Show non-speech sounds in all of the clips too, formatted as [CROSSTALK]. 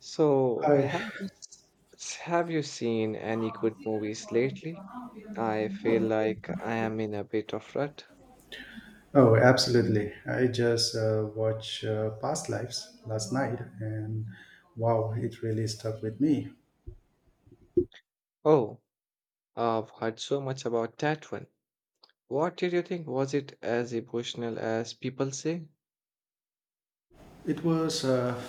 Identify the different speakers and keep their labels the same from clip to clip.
Speaker 1: So,
Speaker 2: Hi.
Speaker 1: have you seen any good movies lately? I feel like I am in a bit of rut.
Speaker 2: Oh, absolutely. I just watched Past Lives last night, and wow, it really stuck with me.
Speaker 1: Oh, I've heard so much about that one. What did you think? Was it as emotional as people say?
Speaker 2: It was,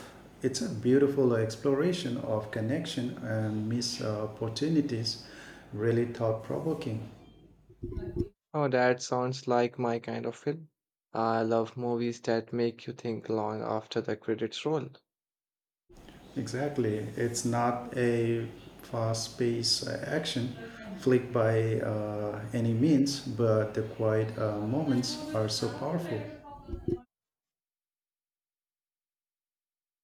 Speaker 2: it's a beautiful exploration of connection and missed opportunities. Really thought provoking.
Speaker 1: Oh, that sounds like my kind of film. I love movies that make you think long after the credits roll.
Speaker 2: Exactly. It's not a fast paced action flick by any means, but the quiet moments are so powerful.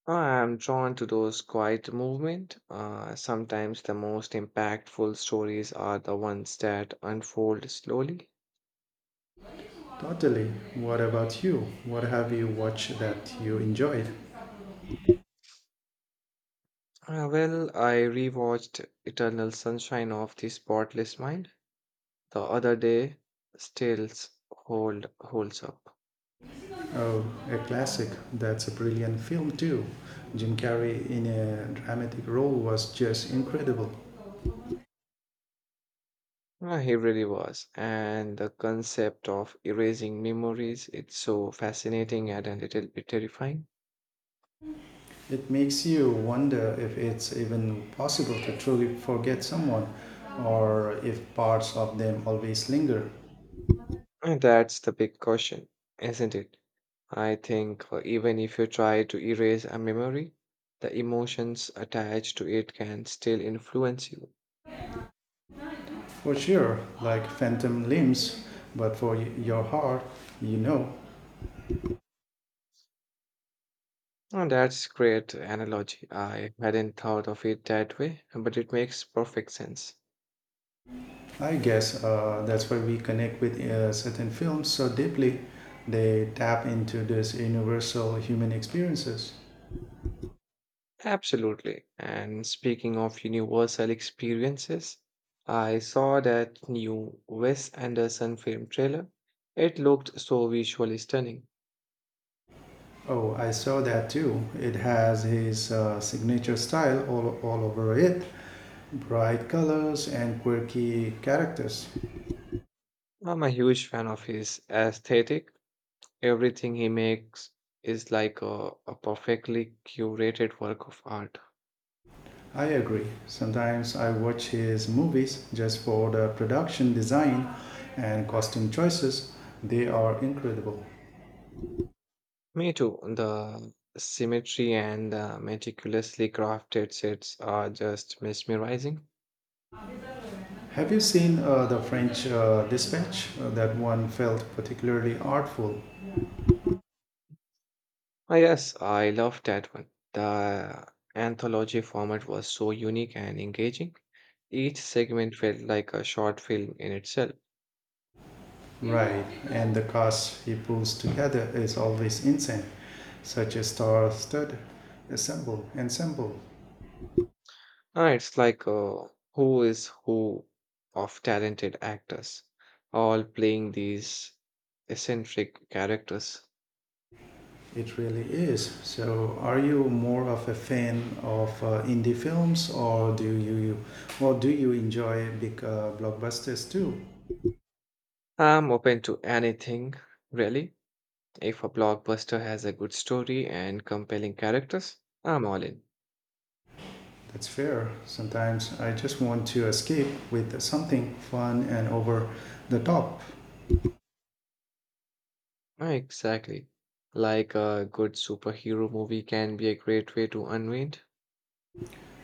Speaker 1: I am drawn to those quiet movement. Sometimes the most impactful stories are the ones that unfold slowly.
Speaker 2: Totally. What about you? What have you watched that you enjoyed?
Speaker 1: Well, I rewatched Eternal Sunshine of the Spotless Mind the other day. Still holds up.
Speaker 2: Oh, a classic. That's a brilliant film, too. Jim Carrey in a dramatic role was just incredible.
Speaker 1: He really was, and the concept of erasing memories it's so fascinating and a little bit terrifying.
Speaker 2: It makes you wonder if it's even possible to truly forget someone or if parts of them always linger.
Speaker 1: And that's the big question, isn't it? I think even if you try to erase a memory, the emotions attached to it can still influence you.
Speaker 2: For sure, like phantom limbs, but for your heart, you know.
Speaker 1: Oh, that's great analogy. I hadn't thought of it that way, but it makes perfect sense.
Speaker 2: I guess that's why we connect with certain films so deeply. They tap into this universal human experiences.
Speaker 1: Absolutely. And speaking of universal experiences, I saw that new Wes Anderson film trailer. It looked so visually stunning.
Speaker 2: Oh, I saw that too. It has his signature style all over it bright colors and quirky characters.
Speaker 1: I'm a huge fan of his aesthetic. Everything he makes is like a perfectly curated work of art.
Speaker 2: I agree. Sometimes I watch his movies just for the production design and costume choices, they are incredible.
Speaker 1: Me too. The symmetry and the meticulously crafted sets are just mesmerizing.
Speaker 2: Have you seen the French dispatch? That one felt particularly artful,
Speaker 1: Ah, yes, I love that one. The anthology format was so unique and engaging. Each segment felt like a short film in itself.
Speaker 2: right? And the cast he pulls together is always insane, such a star-studded ensemble. Ensemble,
Speaker 1: Ah, it's like a who is who of talented actors, all playing these eccentric characters.
Speaker 2: it really is. So, are you more of a fan of indie films, or do you enjoy big blockbusters too?
Speaker 1: I'm open to anything, really. If a blockbuster has a good story and compelling characters, I'm all in.
Speaker 2: That's fair. Sometimes I just want to escape with something fun and over the top.
Speaker 1: Ah, exactly. Like a good superhero movie can be a great way to unwind.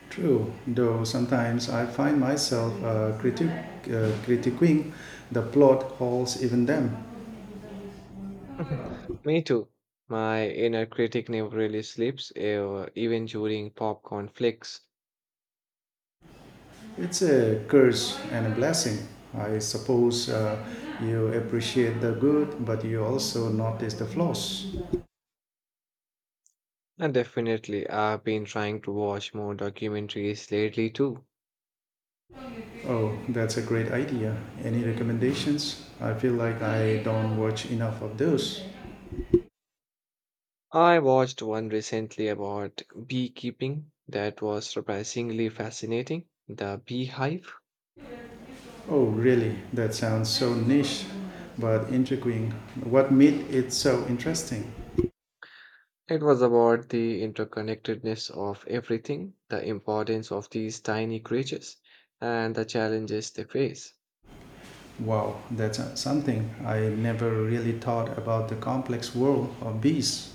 Speaker 2: True, though sometimes I find myself critiquing the plot holes even them.
Speaker 1: [LAUGHS] Me too. My inner critic never really sleeps, even during popcorn flicks.
Speaker 2: It's a curse and a blessing. I suppose you appreciate the good, but you also notice the flaws.
Speaker 1: And definitely, I've been trying to watch more documentaries lately too.
Speaker 2: Oh, that's a great idea. Any recommendations? I feel like I don't watch enough of those.
Speaker 1: I watched one recently about beekeeping that was surprisingly fascinating. The Beehive.
Speaker 2: Oh, really? That sounds so niche, but intriguing. What made it so interesting?
Speaker 1: It was about the interconnectedness of everything, the importance of these tiny creatures, and the challenges they face.
Speaker 2: Wow, that's something. I never really thought about the complex world of bees.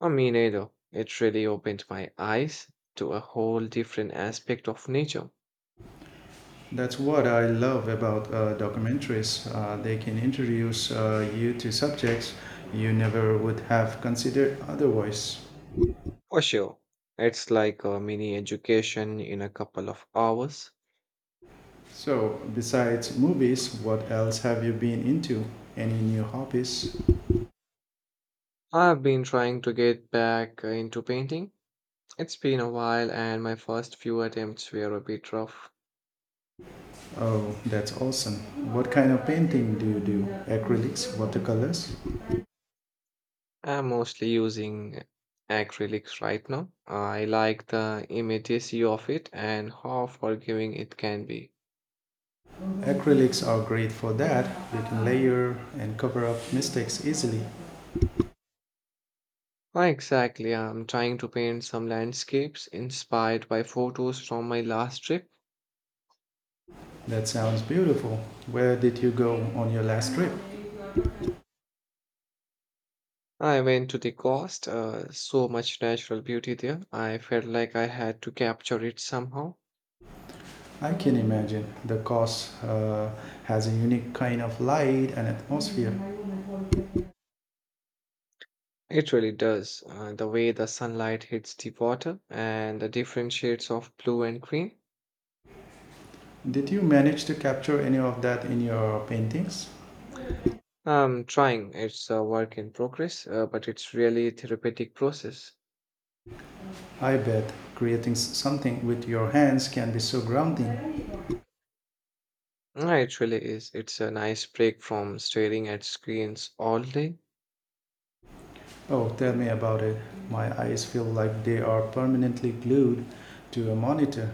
Speaker 1: I mean, either it really opened my eyes to a whole different aspect of nature.
Speaker 2: That's what I love about documentaries. They can introduce you to subjects you never would have considered otherwise.
Speaker 1: For sure, it's like a mini education in a couple of hours.
Speaker 2: So, besides movies, what else have you been into? Any new hobbies?
Speaker 1: I've been trying to get back into painting. It's been a while, and my first few attempts were a bit rough.
Speaker 2: Oh, that's awesome. What kind of painting do you do? Acrylics, watercolors?
Speaker 1: I'm mostly using acrylics right now. I like the immediacy of it and how forgiving it can be.
Speaker 2: Acrylics are great for that. They can layer and cover up mistakes easily.
Speaker 1: Ah, exactly, I'm trying to paint some landscapes inspired by photos from my last trip.
Speaker 2: That sounds beautiful. Where did you go on your last trip?
Speaker 1: I went to the coast, so much natural beauty there. I felt like I had to capture it somehow.
Speaker 2: I can imagine. The coast has a unique kind of light and atmosphere.
Speaker 1: It really does. The way the sunlight hits the water and the different shades of blue and green.
Speaker 2: Did you manage to capture any of that in your paintings?
Speaker 1: I'm trying. It's a work in progress, but it's really a therapeutic process.
Speaker 2: I bet creating something with your hands can be so grounding.
Speaker 1: Mm, it really is. It's a nice break from staring at screens all day.
Speaker 2: Oh, tell me about it. My eyes feel like they are permanently glued to a monitor.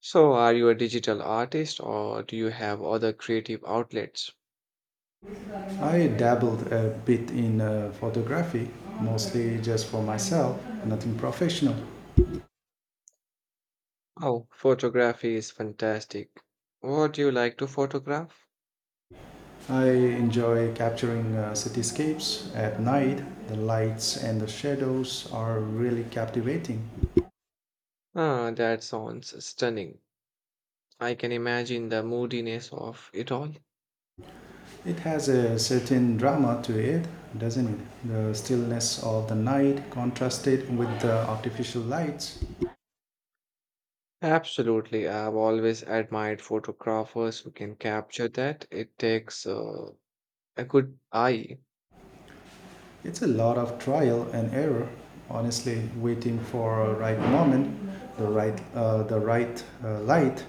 Speaker 1: So, are you a digital artist or do you have other creative outlets?
Speaker 2: I dabbled a bit in photography, mostly just for myself, nothing professional.
Speaker 1: Oh, photography is fantastic. What do you like to photograph?
Speaker 2: I enjoy capturing cityscapes at night. The lights and the shadows are really captivating.
Speaker 1: Ah, that sounds stunning. I can imagine the moodiness of it all.
Speaker 2: It has a certain drama to it, doesn't it? The stillness of the night contrasted with the artificial lights.
Speaker 1: Absolutely. I've always admired photographers who can capture that. It takes I could.
Speaker 2: It's a lot of trial and error, honestly, waiting for the right moment, the right light.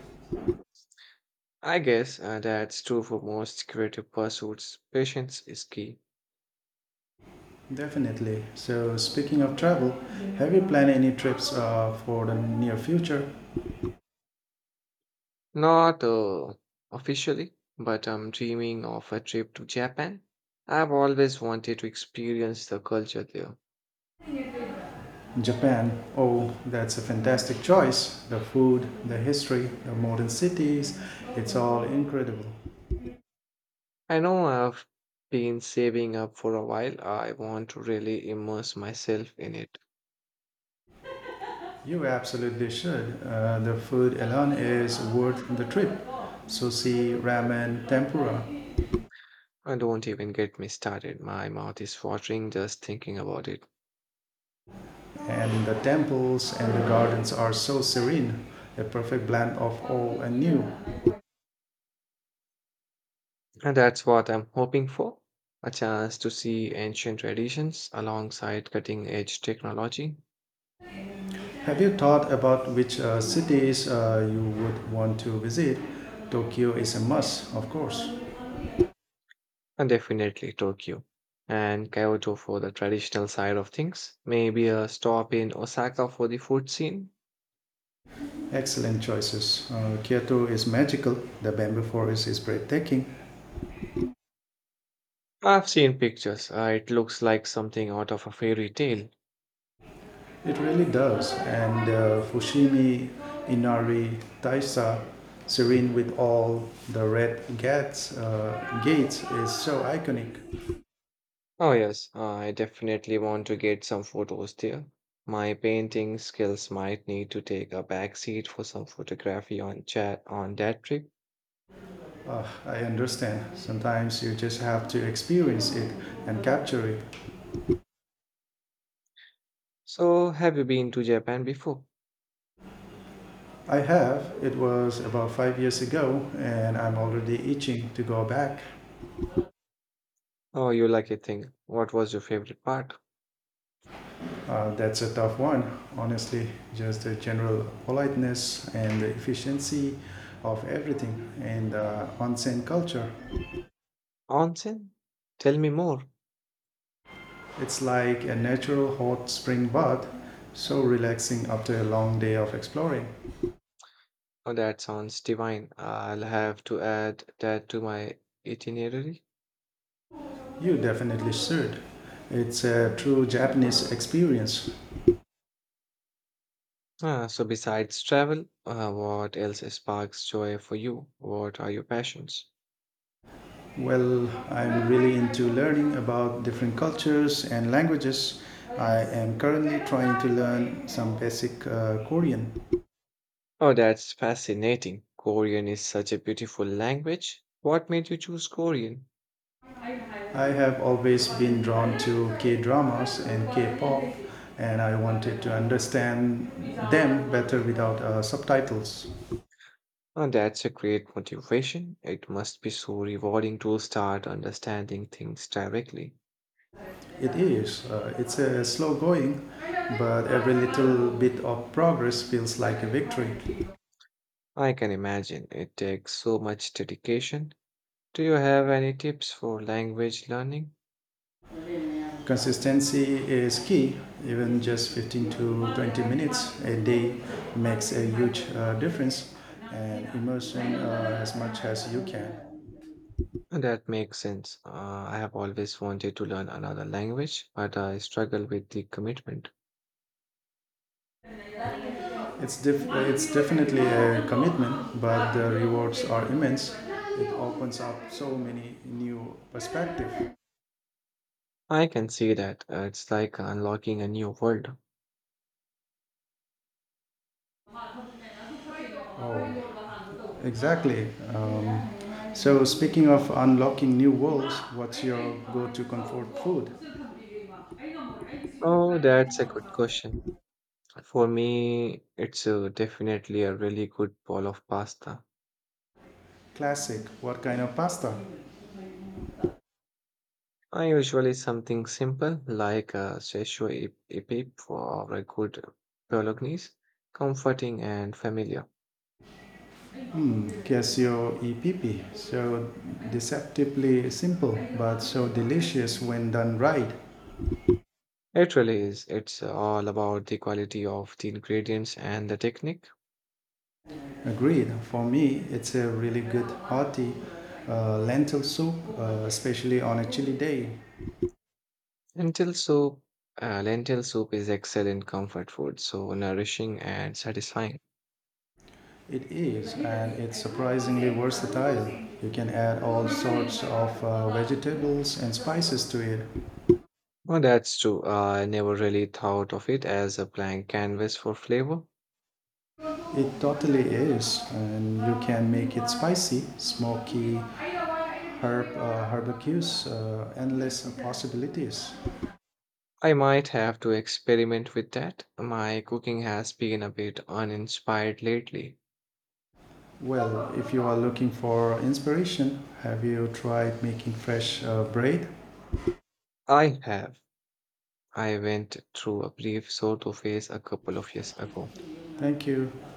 Speaker 1: I guess that's true for most creative pursuits. Patience is key.
Speaker 2: Definitely. So, speaking of travel, have you planned any trips for the near future?
Speaker 1: Not Officially, but I'm dreaming of a trip to Japan. I've always wanted to experience the culture there.
Speaker 2: Japan, oh, that's a fantastic choice. The food, the history, the modern cities, it's all incredible.
Speaker 1: I know I've been saving up for a while. I want to really immerse myself in it.
Speaker 2: You absolutely should. The food alone is worth the trip. Sushi, ramen, tempura,
Speaker 1: And don't even get me started. My mouth is watering just thinking about it.
Speaker 2: and the temples and the gardens are so serene. A perfect blend of old and new.
Speaker 1: And that's what I'm hoping for a chance to see ancient traditions alongside cutting edge technology,
Speaker 2: Have you thought about which cities you would want to visit? Tokyo is a must, of course.
Speaker 1: and definitely Tokyo and Kyoto for the traditional side of things. Maybe a stop in Osaka for the food scene.
Speaker 2: Excellent choices. Kyoto is magical. The bamboo forest is breathtaking.
Speaker 1: I've seen pictures, it looks like something out of a fairy tale.
Speaker 2: It really does. And Fushimi, Inari, Taisa, serene with all the red gates, gates is so iconic.
Speaker 1: Oh, yes, I definitely want to get some photos there. My painting skills might need to take a back seat for some photography on that trip.
Speaker 2: I understand. Sometimes you just have to experience it and capture it.
Speaker 1: So, have you been to Japan before?
Speaker 2: I have. It was about 5 years ago, and I'm already itching to go back.
Speaker 1: Oh, you lucky thing. What was your favorite part?
Speaker 2: That's a tough one, honestly. Just the general politeness and the efficiency of everything and onsen culture.
Speaker 1: Onsen? Tell me more.
Speaker 2: It's like a natural hot spring bath, so relaxing after a long day of exploring.
Speaker 1: Oh, that sounds divine. I'll have to add that to my itinerary.
Speaker 2: You definitely should. It's a true Japanese experience.
Speaker 1: Ah, so, besides travel, what else sparks joy for you? What are your passions?
Speaker 2: Well, I'm really into learning about different cultures and languages. I am currently trying to learn some basic Korean.
Speaker 1: Oh, that's fascinating. Korean is such a beautiful language. What made you choose Korean?
Speaker 2: I have always been drawn to K dramas and K pop, and I wanted to understand them better without subtitles.
Speaker 1: Oh, that's a great motivation. It must be so rewarding to start understanding things directly.
Speaker 2: It's a slow going, but every little bit of progress feels like a victory.
Speaker 1: I can imagine it takes so much dedication. Do you have any tips for language learning?
Speaker 2: Consistency is key, even just 15 to 20 minutes a day makes a huge difference, and immersion as much as you can.
Speaker 1: That makes sense. I have always wanted to learn another language, but I struggle with the commitment.
Speaker 2: It's definitely a commitment, but the rewards are immense. It opens up so many new perspectives.
Speaker 1: I can see that. It's like unlocking a new world.
Speaker 2: Oh, exactly. Um, so speaking of unlocking new worlds, what's your go-to comfort food?
Speaker 1: Oh, that's a good question. For me, it's definitely a really good bowl of pasta.
Speaker 2: Classic. What kind of pasta?
Speaker 1: I usually something simple like a Szechuan epip or a good bolognese, comforting and familiar.
Speaker 2: Hmm, Casio EPP. So deceptively simple, but so delicious when done right.
Speaker 1: It really is. It's all about the quality of the ingredients and the technique.
Speaker 2: Agreed. For me, it's a really good hearty lentil soup, especially on a chilly day.
Speaker 1: Lentil soup, lentil soup is excellent comfort food, so nourishing and satisfying.
Speaker 2: It is, and it's surprisingly versatile. You can add all sorts of vegetables and spices to it.
Speaker 1: Well, that's true. I never really thought of it as a blank canvas for flavor.
Speaker 2: It totally is, and you can make it spicy, smoky, herb barbecues, endless possibilities.
Speaker 1: I might have to experiment with that. My cooking has been a bit uninspired lately.
Speaker 2: Well, if you are looking for inspiration, have you tried making fresh bread?
Speaker 1: I have. I went through a brief sort of phase a couple of years ago.
Speaker 2: Thank you.